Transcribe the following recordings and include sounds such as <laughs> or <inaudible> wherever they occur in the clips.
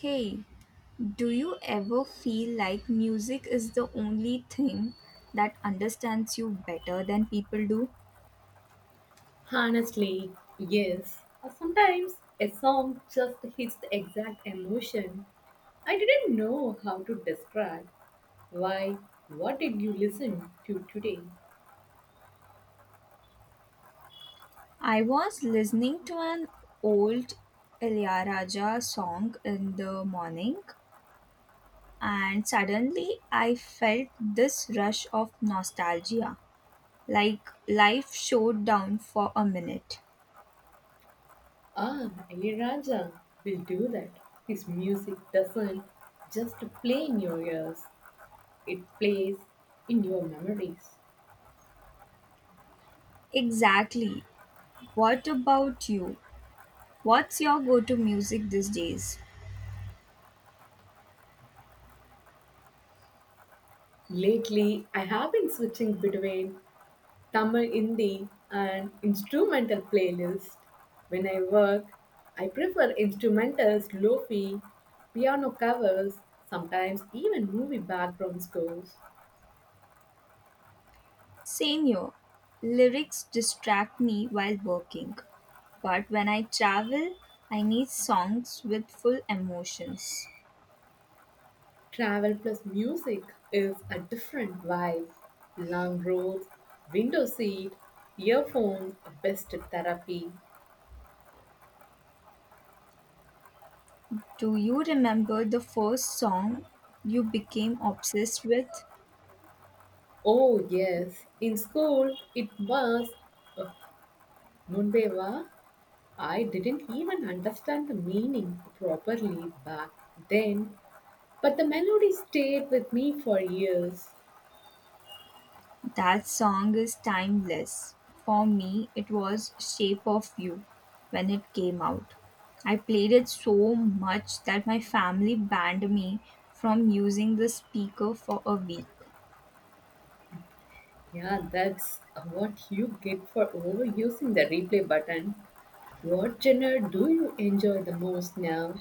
Hey, do you ever feel like music is the only thing that understands you better than people do? Honestly, yes. Sometimes a song just hits the exact emotion I didn't know how to describe. Why? What did you listen to today? I was listening to an old Ilaiyaraaja song in the morning and suddenly I felt this rush of nostalgia, like life showed down for a minute. Ah, Raja will do that. His music doesn't just play in your ears, it plays in your memories. Exactly. What about you? What's your go-to music these days? Lately, I have been switching between Tamil indie and instrumental playlist. When I work, I prefer instrumentals, lofi, piano covers, sometimes even movie background scores. Senior, lyrics distract me while working, but when I travel, I need songs with full emotions. Travel plus music is a different vibe. Long roads, window seat, earphones, best therapy. Do you remember the first song you became obsessed with? Oh yes, in school it was uh, Munbeva. I didn't even understand the meaning properly back then, but the melody stayed with me for years. That song is timeless. For me, it was Shape of You when it came out. I played it so much that my family banned me from using the speaker for a week. Yeah, that's what you get for overusing the replay button. What genre do you enjoy the most now?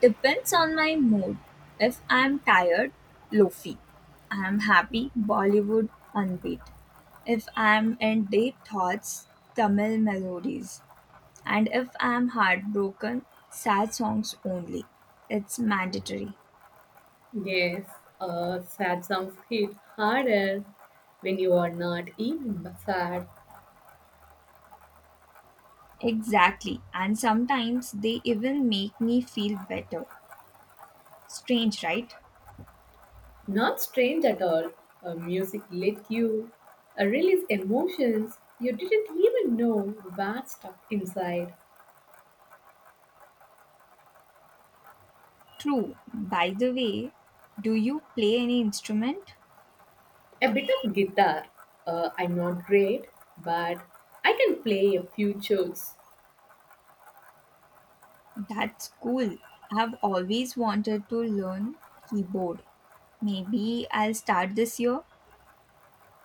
Depends on my mood. If I'm tired, lofi. I'm happy, Bollywood unbeat. If I'm in deep thoughts, Tamil melodies. And if I'm heartbroken, sad songs only. It's mandatory. Yes, sad songs hit harder when you are not even sad. Exactly. And sometimes they even make me feel better. Strange, right? Not strange at all. Music let you release emotions you didn't even know were stuck inside. True. By the way, do you play any instrument? A bit of guitar. I'm not great, but I can play a few chords. That's cool. I've always wanted to learn keyboard. Maybe I'll start this year.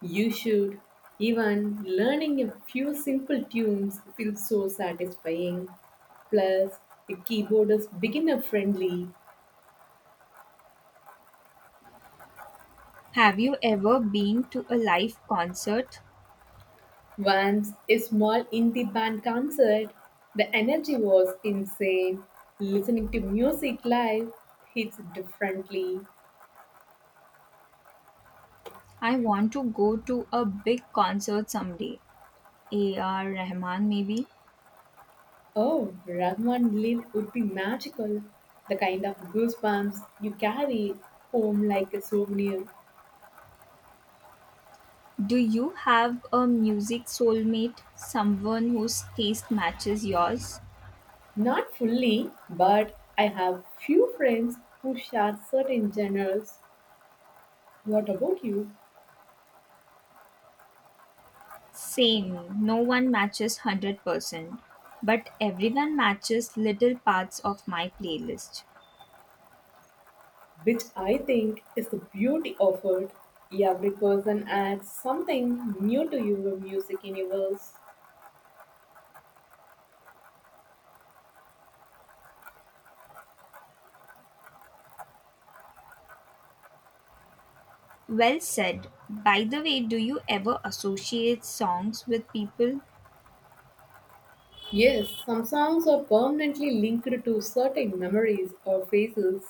You should. Even learning a few simple tunes feels so satisfying. Plus, the keyboard is beginner friendly. Have you ever been to a live concert? Once a small indie band concert, the energy was insane. Listening to music live hits differently. I want to go to a big concert someday. A.R. Rahman, maybe. Oh, Ragman leap would be magical. The kind of goosebumps you carry home like a souvenir. Do you have a music soulmate? Someone whose taste matches yours? Not fully, but I have few friends who share certain genres. What about you? Same. No one matches 100%, but everyone matches little parts of my playlist. Which I think is the beauty of it. Every person adds something new to your music universe. Well said. By the way, do you ever associate songs with people? Yes, some songs are permanently linked to certain memories or phases.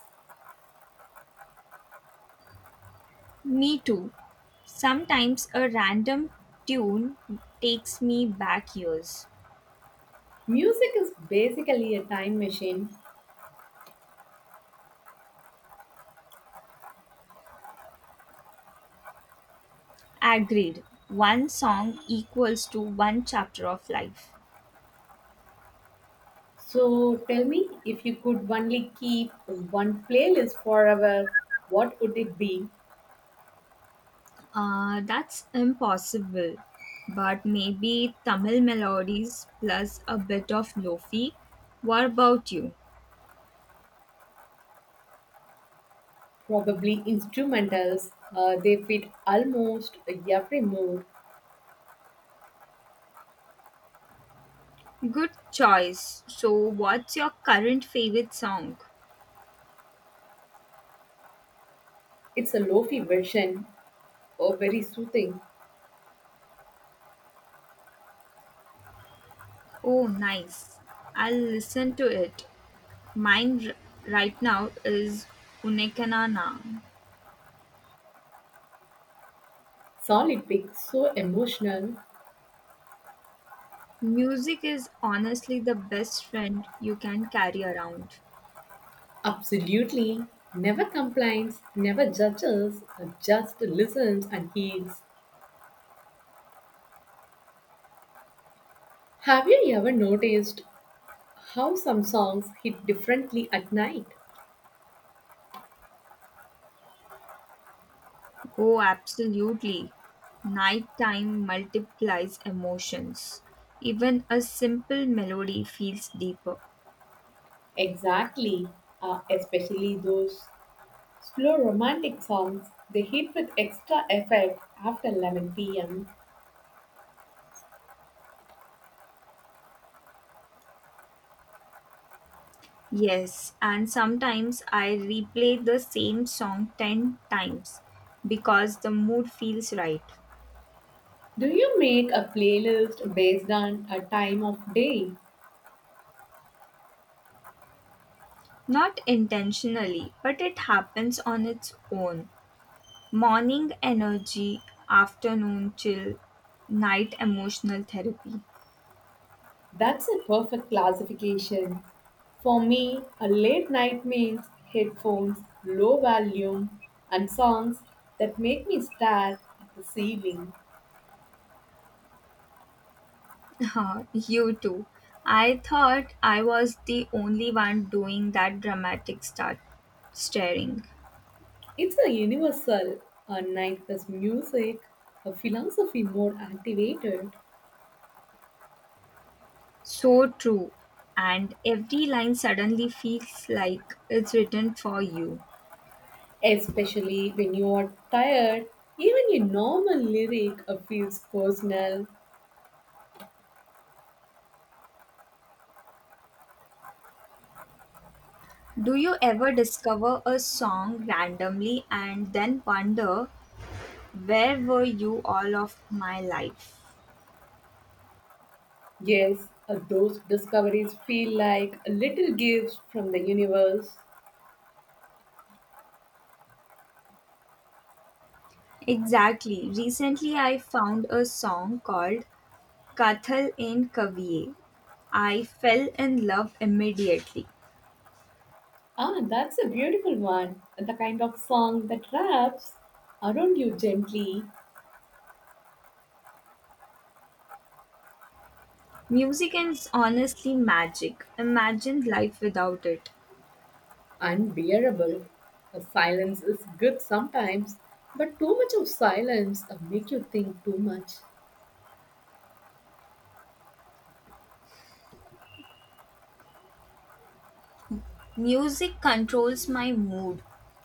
Me too. Sometimes a random tune takes me back years. Music is basically a time machine. Agreed. One song equals to one chapter of life. So tell me, if you could only keep one playlist forever, what would it be? That's impossible. But maybe Tamil melodies plus a bit of lofi. What about you? Probably instrumentals. They fit almost every mood. Good choice. So, what's your current favorite song? It's a lofi version, or very soothing. Oh, nice. I'll listen to it. Mine right now is Unekanana. Solid pick, so emotional. Music is honestly the best friend you can carry around. Absolutely. Never complains, never judges, just listens and heals. Have you ever noticed how some songs hit differently at night? Oh, absolutely. Nighttime multiplies emotions. Even a simple melody feels deeper. Exactly, especially those slow romantic songs. They hit with extra effect after 11 pm. Yes, and sometimes I replay the same song 10 times because the mood feels right. Do you make a playlist based on a time of day? Not intentionally, but it happens on its own. Morning energy, afternoon chill, night emotional therapy. That's a perfect classification. For me, a late night means headphones, low volume, and songs that make me stare at the ceiling. <laughs> Huh, you too. I thought I was the only one doing that dramatic start staring. It's a universal, a night plus music, a philosophy more activated. So true. And every line suddenly feels like it's written for you. Especially when you are tired, even a normal lyric feels personal. Do you ever discover a song randomly and then wonder, where were you all of my life? Yes, those discoveries feel like little gifts from the universe. Exactly. Recently, I found a song called Kathal in Kaviye. I fell in love immediately. Ah, that's a beautiful one. The kind of song that wraps around you gently, Music is honestly magic. Imagine life without it. unbearable. Silence is good sometimes, but too much of silence make you think too much. Music controls my mood.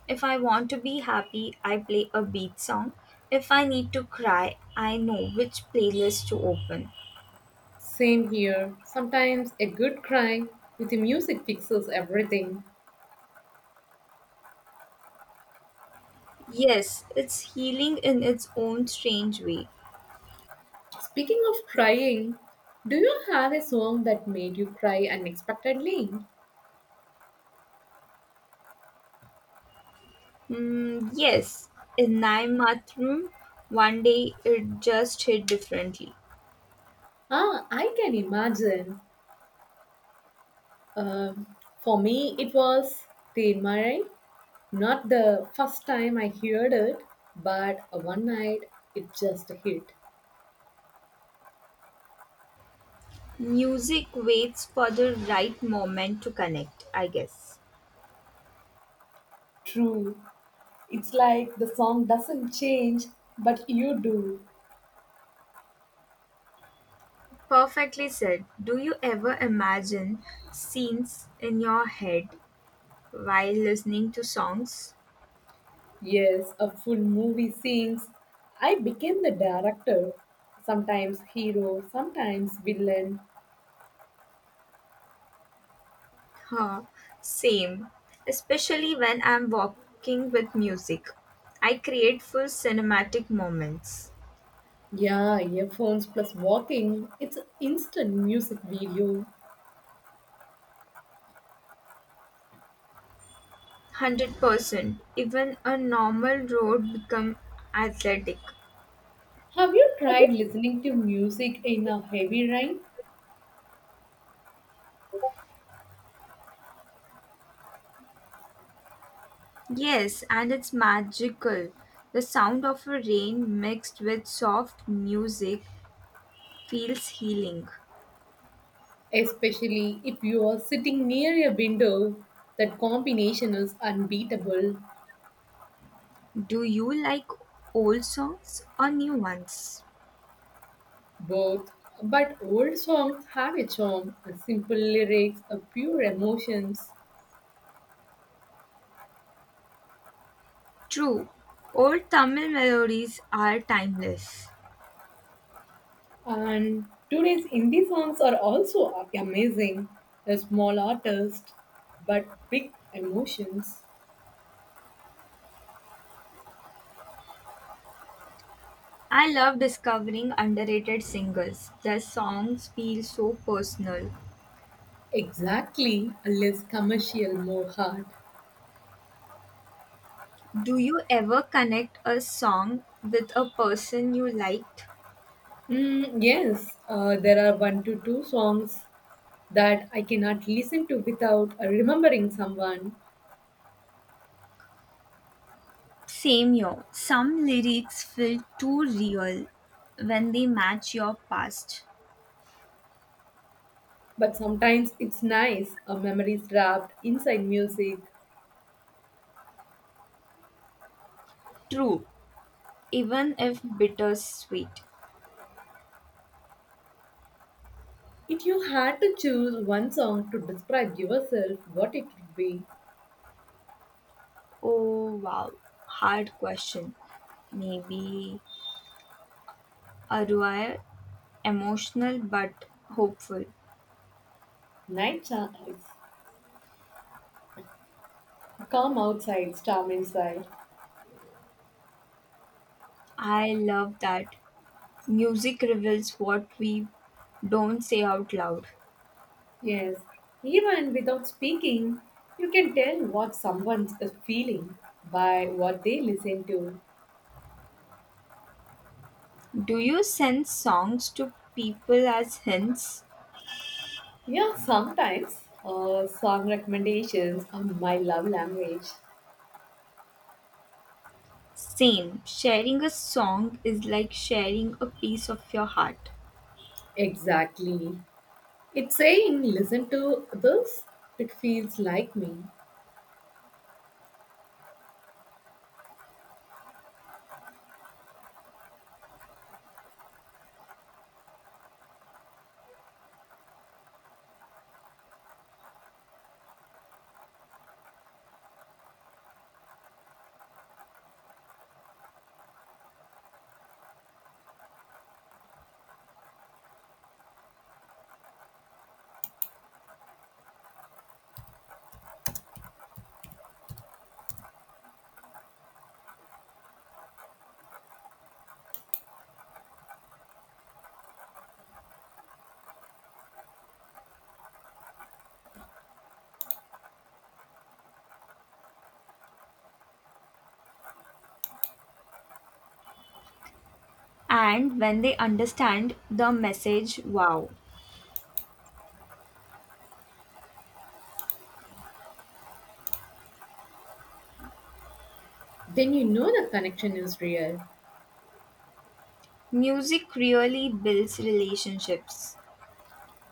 If I want to be happy, I play a beat song. If I need to cry, I know which playlist to open. Same here. Sometimes a good cry with the music fixes everything. Yes, it's healing in its own strange way. Speaking of crying, do you have a song that made you cry unexpectedly? Mm, yes, in my Naimathrum, one day it just hit differently. Ah, I can imagine. Um, for me, it was Teen Marai. Not the first time I heard it, but one night it just hit. Music waits for the right moment to connect, I guess. True. It's like the song doesn't change, but you do. Perfectly said. Do you ever imagine scenes in your head while listening to songs? Yes, a full movie sings. I became the director, sometimes hero, sometimes villain. Huh, same. Especially when I'm walking with music, I create full cinematic moments. Yeah, earphones plus walking. It's instant music video. 100%. Even a normal road become athletic. Have you tried listening to music in a heavy rain? Yes, and it's magical. The sound of a rain mixed with soft music feels healing. Especially if you are sitting near a window, that combination is unbeatable. Do you like old songs or new ones? Both. But old songs have a charm, a simple lyrics, a pure emotions. True. Old Tamil melodies are timeless. And today's indie songs are also amazing. A small artist, but big emotions. I love discovering underrated singers. Their songs feel so personal. Exactly, a less commercial, more hard. Do you ever connect a song with a person you liked? Mm, yes, there are one to two songs that I cannot listen to without remembering someone. Same here. Some lyrics feel too real when they match your past. But sometimes it's nice, a memory is wrapped inside music. True, even if bittersweet. If you had to choose one song to describe yourself, what it would be? Oh wow, hard question. Maybe Arwire, emotional but hopeful. Night Skies, Calm Outside, Storm Inside. I love that. Music reveals what we don't say out loud. Yes, even without speaking, you can tell what someone is feeling by what they listen to. Do you send songs to people as hints? Yeah, sometimes song recommendations are my love language. Same. Sharing a song is like sharing a piece of your heart. Exactly. It's saying, listen to this, it feels like me. And when they understand the message, wow. Then you know the connection is real. Music really builds relationships.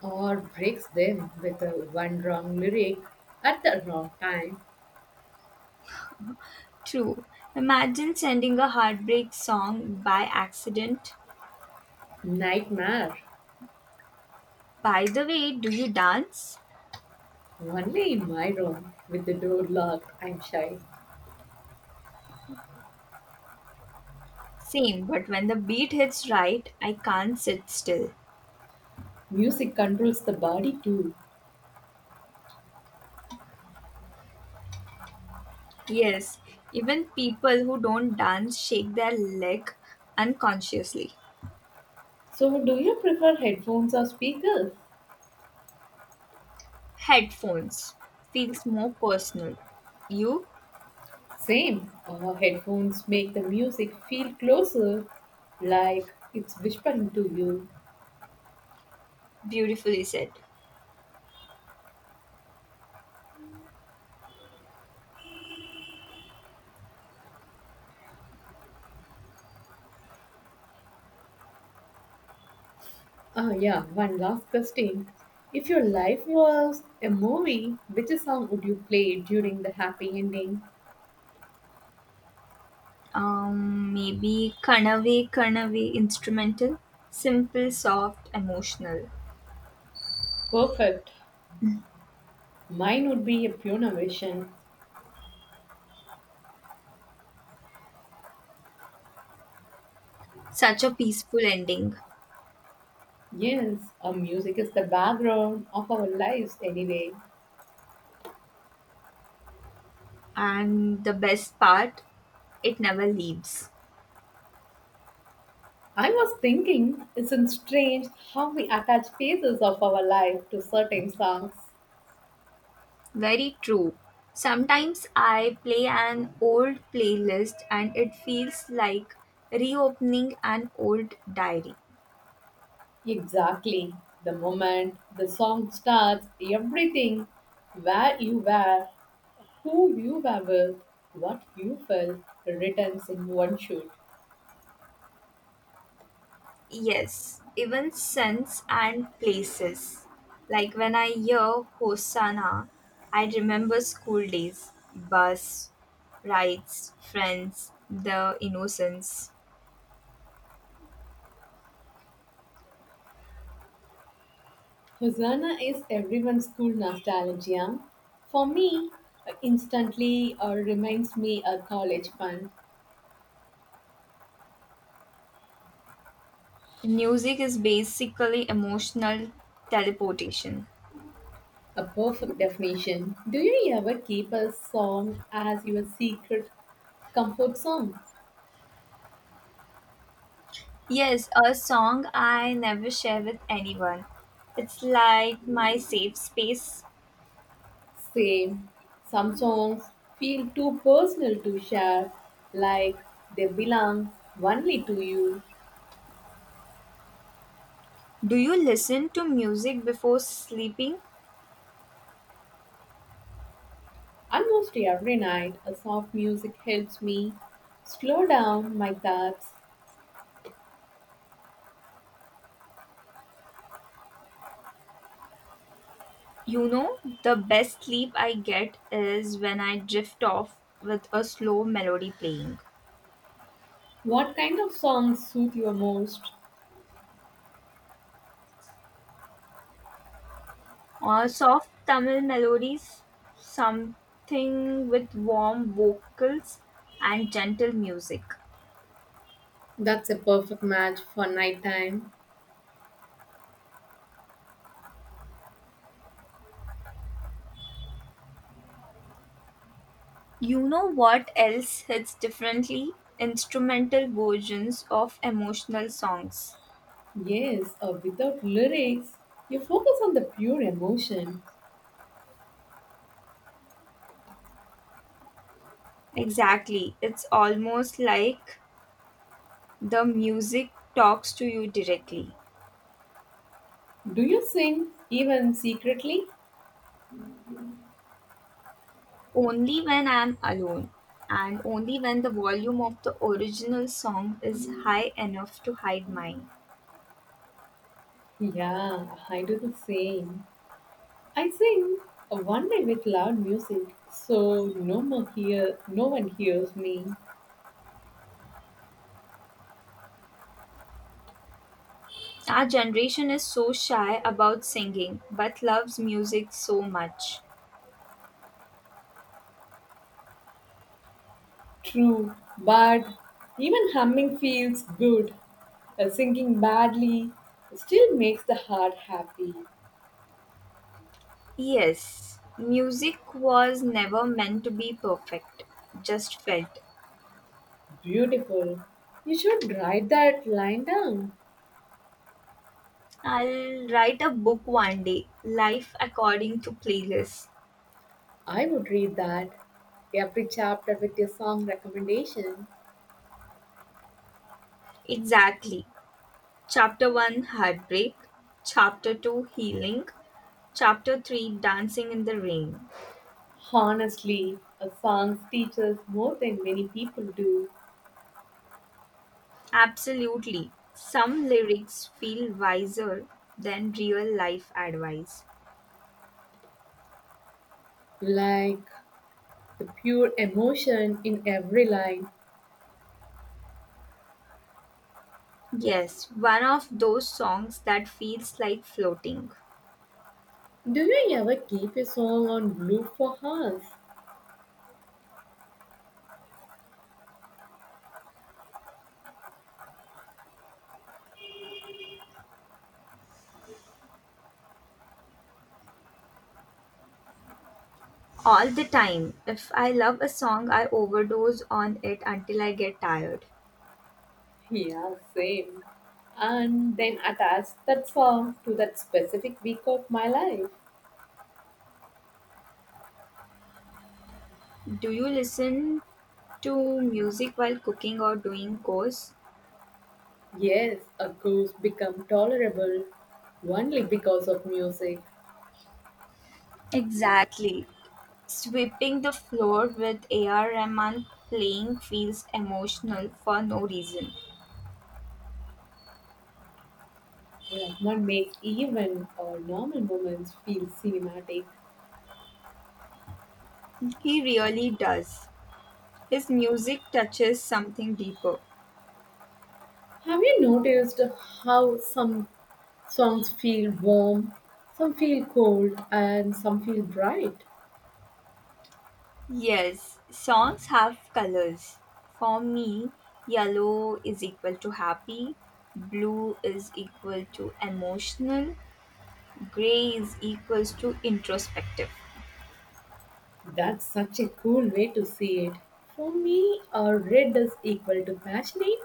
Or breaks them with a one wrong lyric at the wrong time. True. Imagine sending a heartbreak song by accident. Nightmare. By the way, do you dance? Only in my room with the door locked, I'm shy. Same, but when the beat hits right, I can't sit still. Music controls the body too. Yes, even people who don't dance shake their leg unconsciously. So, do you prefer headphones or speakers? Headphones feels more personal. You Same. Headphones make the music feel closer, like it's whispering to you. beautifully said. Ah, yeah, one last question. If your life was a movie, which song would you play during the happy ending? Maybe Kanave Kanave instrumental, simple, soft, emotional. Perfect. Mine would be a Pune Vision. Such a peaceful ending, Yes, our music is the background of our lives anyway. and the best part, it never leaves. I was thinking, isn't strange how we attach phases of our life to certain songs? Very true. Sometimes I play an old playlist and it feels like reopening an old diary. Exactly. The moment the song starts, everything, where you were, who you were with, what you felt, returns in one shoot. Yes, even scents and places. Like when I hear Hosanna, I remember school days, bus, rides, friends, the innocence. Hosanna is everyone's school nostalgia. For me, instantly reminds me a college fun. Music is basically emotional teleportation. A perfect definition. Do you ever keep a song as your secret Comfort songs, Yes, a song I never share with anyone. It's like my safe space. Same. Some songs feel too personal to share, like they belong only to you. Do you listen to music before sleeping? Almost every night, a soft music helps me slow down my thoughts. You know, the best sleep I get is when I drift off with a slow melody playing. What kind of songs suit you most? Or soft Tamil melodies, something with warm vocals and gentle music. That's a perfect match for nighttime. You know what else hits differently? Instrumental versions of emotional songs. Yes, or without lyrics, you focus on the pure emotion. Exactly. It's almost like the music talks to you directly. Do you sing even secretly? Only when I'm alone, and only when the volume of the original song is high enough to hide mine. Yeah, I do the same. I sing one day with loud music, so, no one hears me. Our generation is so shy about singing but loves music so much. True, but even humming feels good. Singing badly still makes the heart happy. Yes, music was never meant to be perfect, just felt. Beautiful. You should write that line down. I'll write a book one day, Life According to Playlist. I would read that. Every chapter with your song recommendation. Exactly. Chapter 1 Heartbreak, Chapter 2 Healing, Chapter 3 Dancing in the Rain. Honestly, a song teaches more than many people do. Absolutely. Some lyrics feel wiser than real life advice. Like the pure emotion in every line. Yes, one of those songs that feels like floating. Do you ever keep a song on loop for hours? All the time. If I love a song, I overdose on it until I get tired. Yeah, same. And then attach that song to that specific week of my life. Do you listen to music while cooking or doing chores? Yes, a ghost become tolerable only because of music. Exactly. Sweeping the floor with AR Rahman playing feels emotional for no reason. Rahman makes even normal moments feel cinematic. He really does. His music touches something deeper. Have you noticed how some songs feel warm, some feel cold, and some feel bright? Yes, songs have colors. For me, yellow is equal to happy, blue is equal to emotional, gray is equals to introspective. That's such a cool way to see it. For me, red is equal to passionate,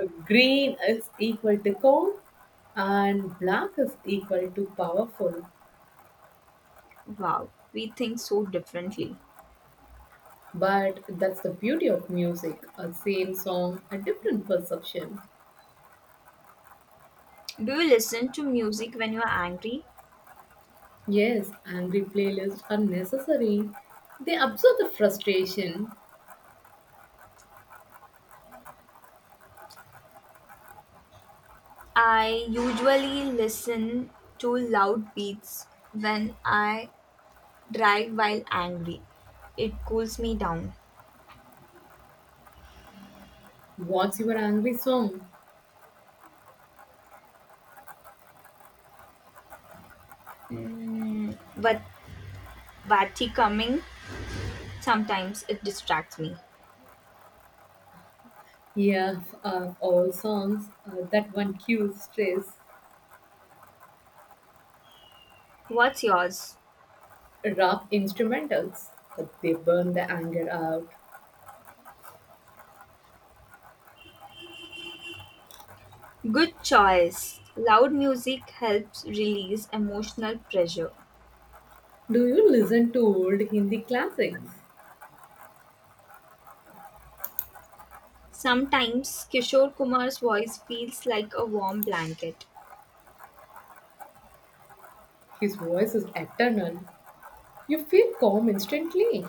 green is equal to calm, and black is equal to powerful. Wow, we think so differently. But that's the beauty of music a same song, a different perception. Do you listen to music when you are angry? Yes, angry playlists are necessary. They absorb the frustration. I usually listen to loud beats when I drive while angry. It cools me down. What's your angry song? Mm, but Vati coming, sometimes it distracts me. Yeah, of all songs, that one cues stress. What's yours? Rock instrumentals, but they burn the anger out. Good choice. Loud music helps release emotional pressure. Do you listen to old Hindi classics? Sometimes Kishore Kumar's voice feels like a warm blanket. His voice is eternal. You feel calm instantly.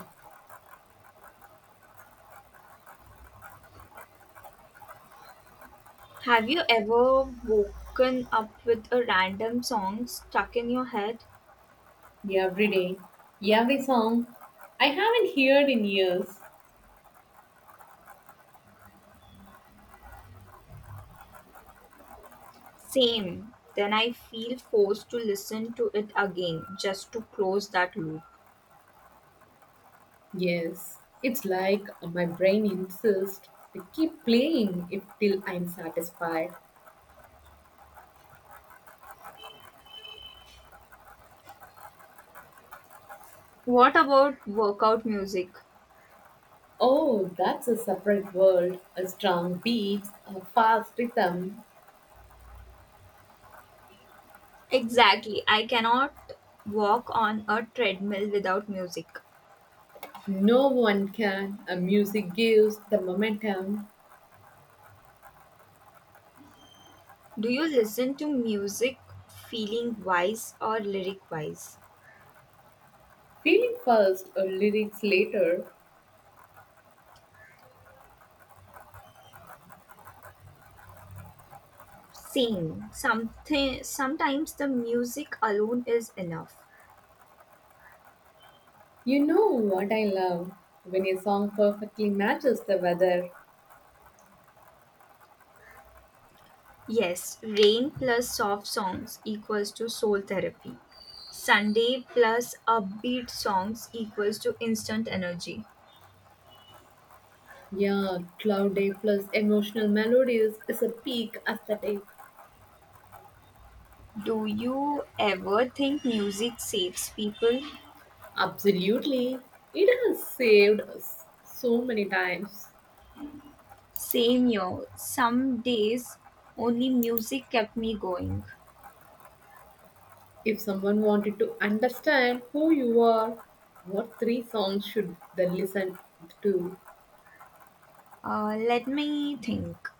Have you ever woken up with a random song stuck in your head? Every day, every song I haven't heard in years. Same. Then I feel forced to listen to it again just to close that loop. Yes, it's like my brain insists to keep playing it till I'm satisfied. What about workout music? Oh, that's a separate world. A strong beat, a fast rhythm. Exactly. I cannot walk on a treadmill without music. No one can. A music gives the momentum. Do you listen to music feeling wise or lyric wise? Feeling first or lyrics later. Same. Something Sometimes the music alone is enough. You know what I love? When a song perfectly matches the weather. Yes, rain plus soft songs equals to soul therapy. Sunday plus upbeat songs equals to instant energy. Yeah, cloud day plus emotional melodies is a peak aesthetic. Do you ever think music saves people? Absolutely. It has saved us so many times. Same here. Some days only music kept me going. If someone wanted to understand who you are, what three songs should they listen to? Let me think.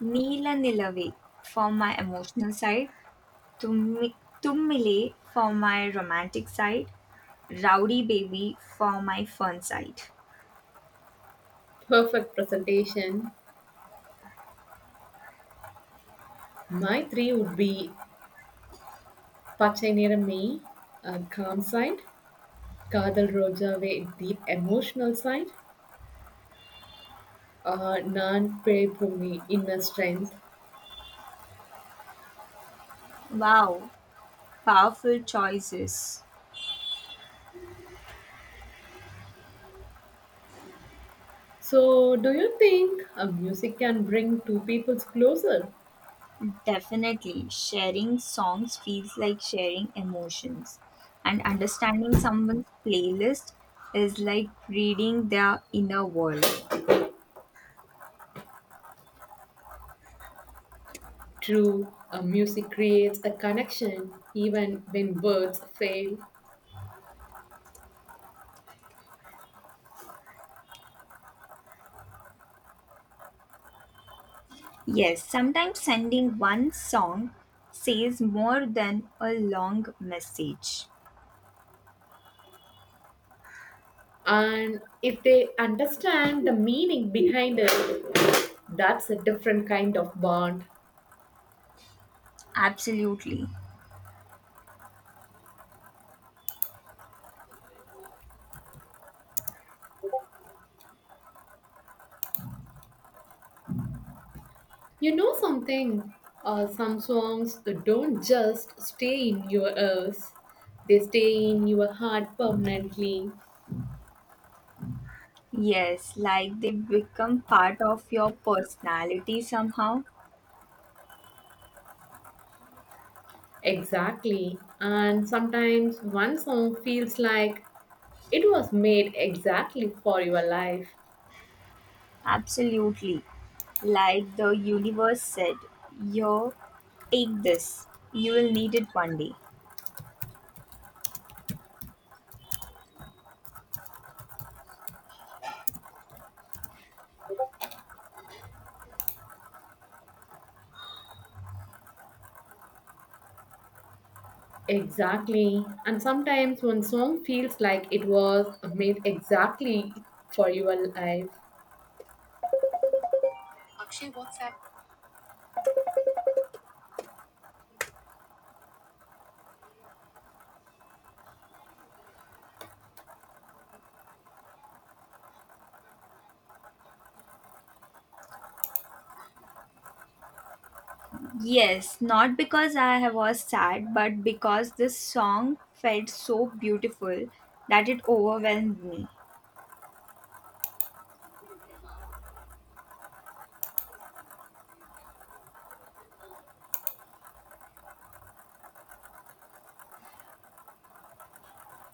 Neela Nilave for my emotional side. Tum Tum Mile for my romantic side. Rowdy Baby for my fun side. Perfect presentation. My three would be Pachai Niramai, a calm side, Kadal Rojave, deep emotional side, Naan Pe inner strength. Wow, powerful choices. So, do you think a music can bring two peoples closer? Definitely, sharing songs feels like sharing emotions, and understanding someone's playlist is like reading their inner world. True, a music creates a connection even when words fail. Yes, sometimes sending one song says more than a long message. And if they understand the meaning behind it, that's a different kind of bond. Absolutely. You know something? Some songs don't just stay in your ears, they stay in your heart permanently. Yes, like they become part of your personality somehow. Exactly. And sometimes one song feels like it was made exactly for your life. Absolutely. Like the universe said, yo, take this. You will need it one day. Exactly. And sometimes one song feels like it was made exactly for your life. Yes, not because I was sad, but because this song felt so beautiful that it overwhelmed me.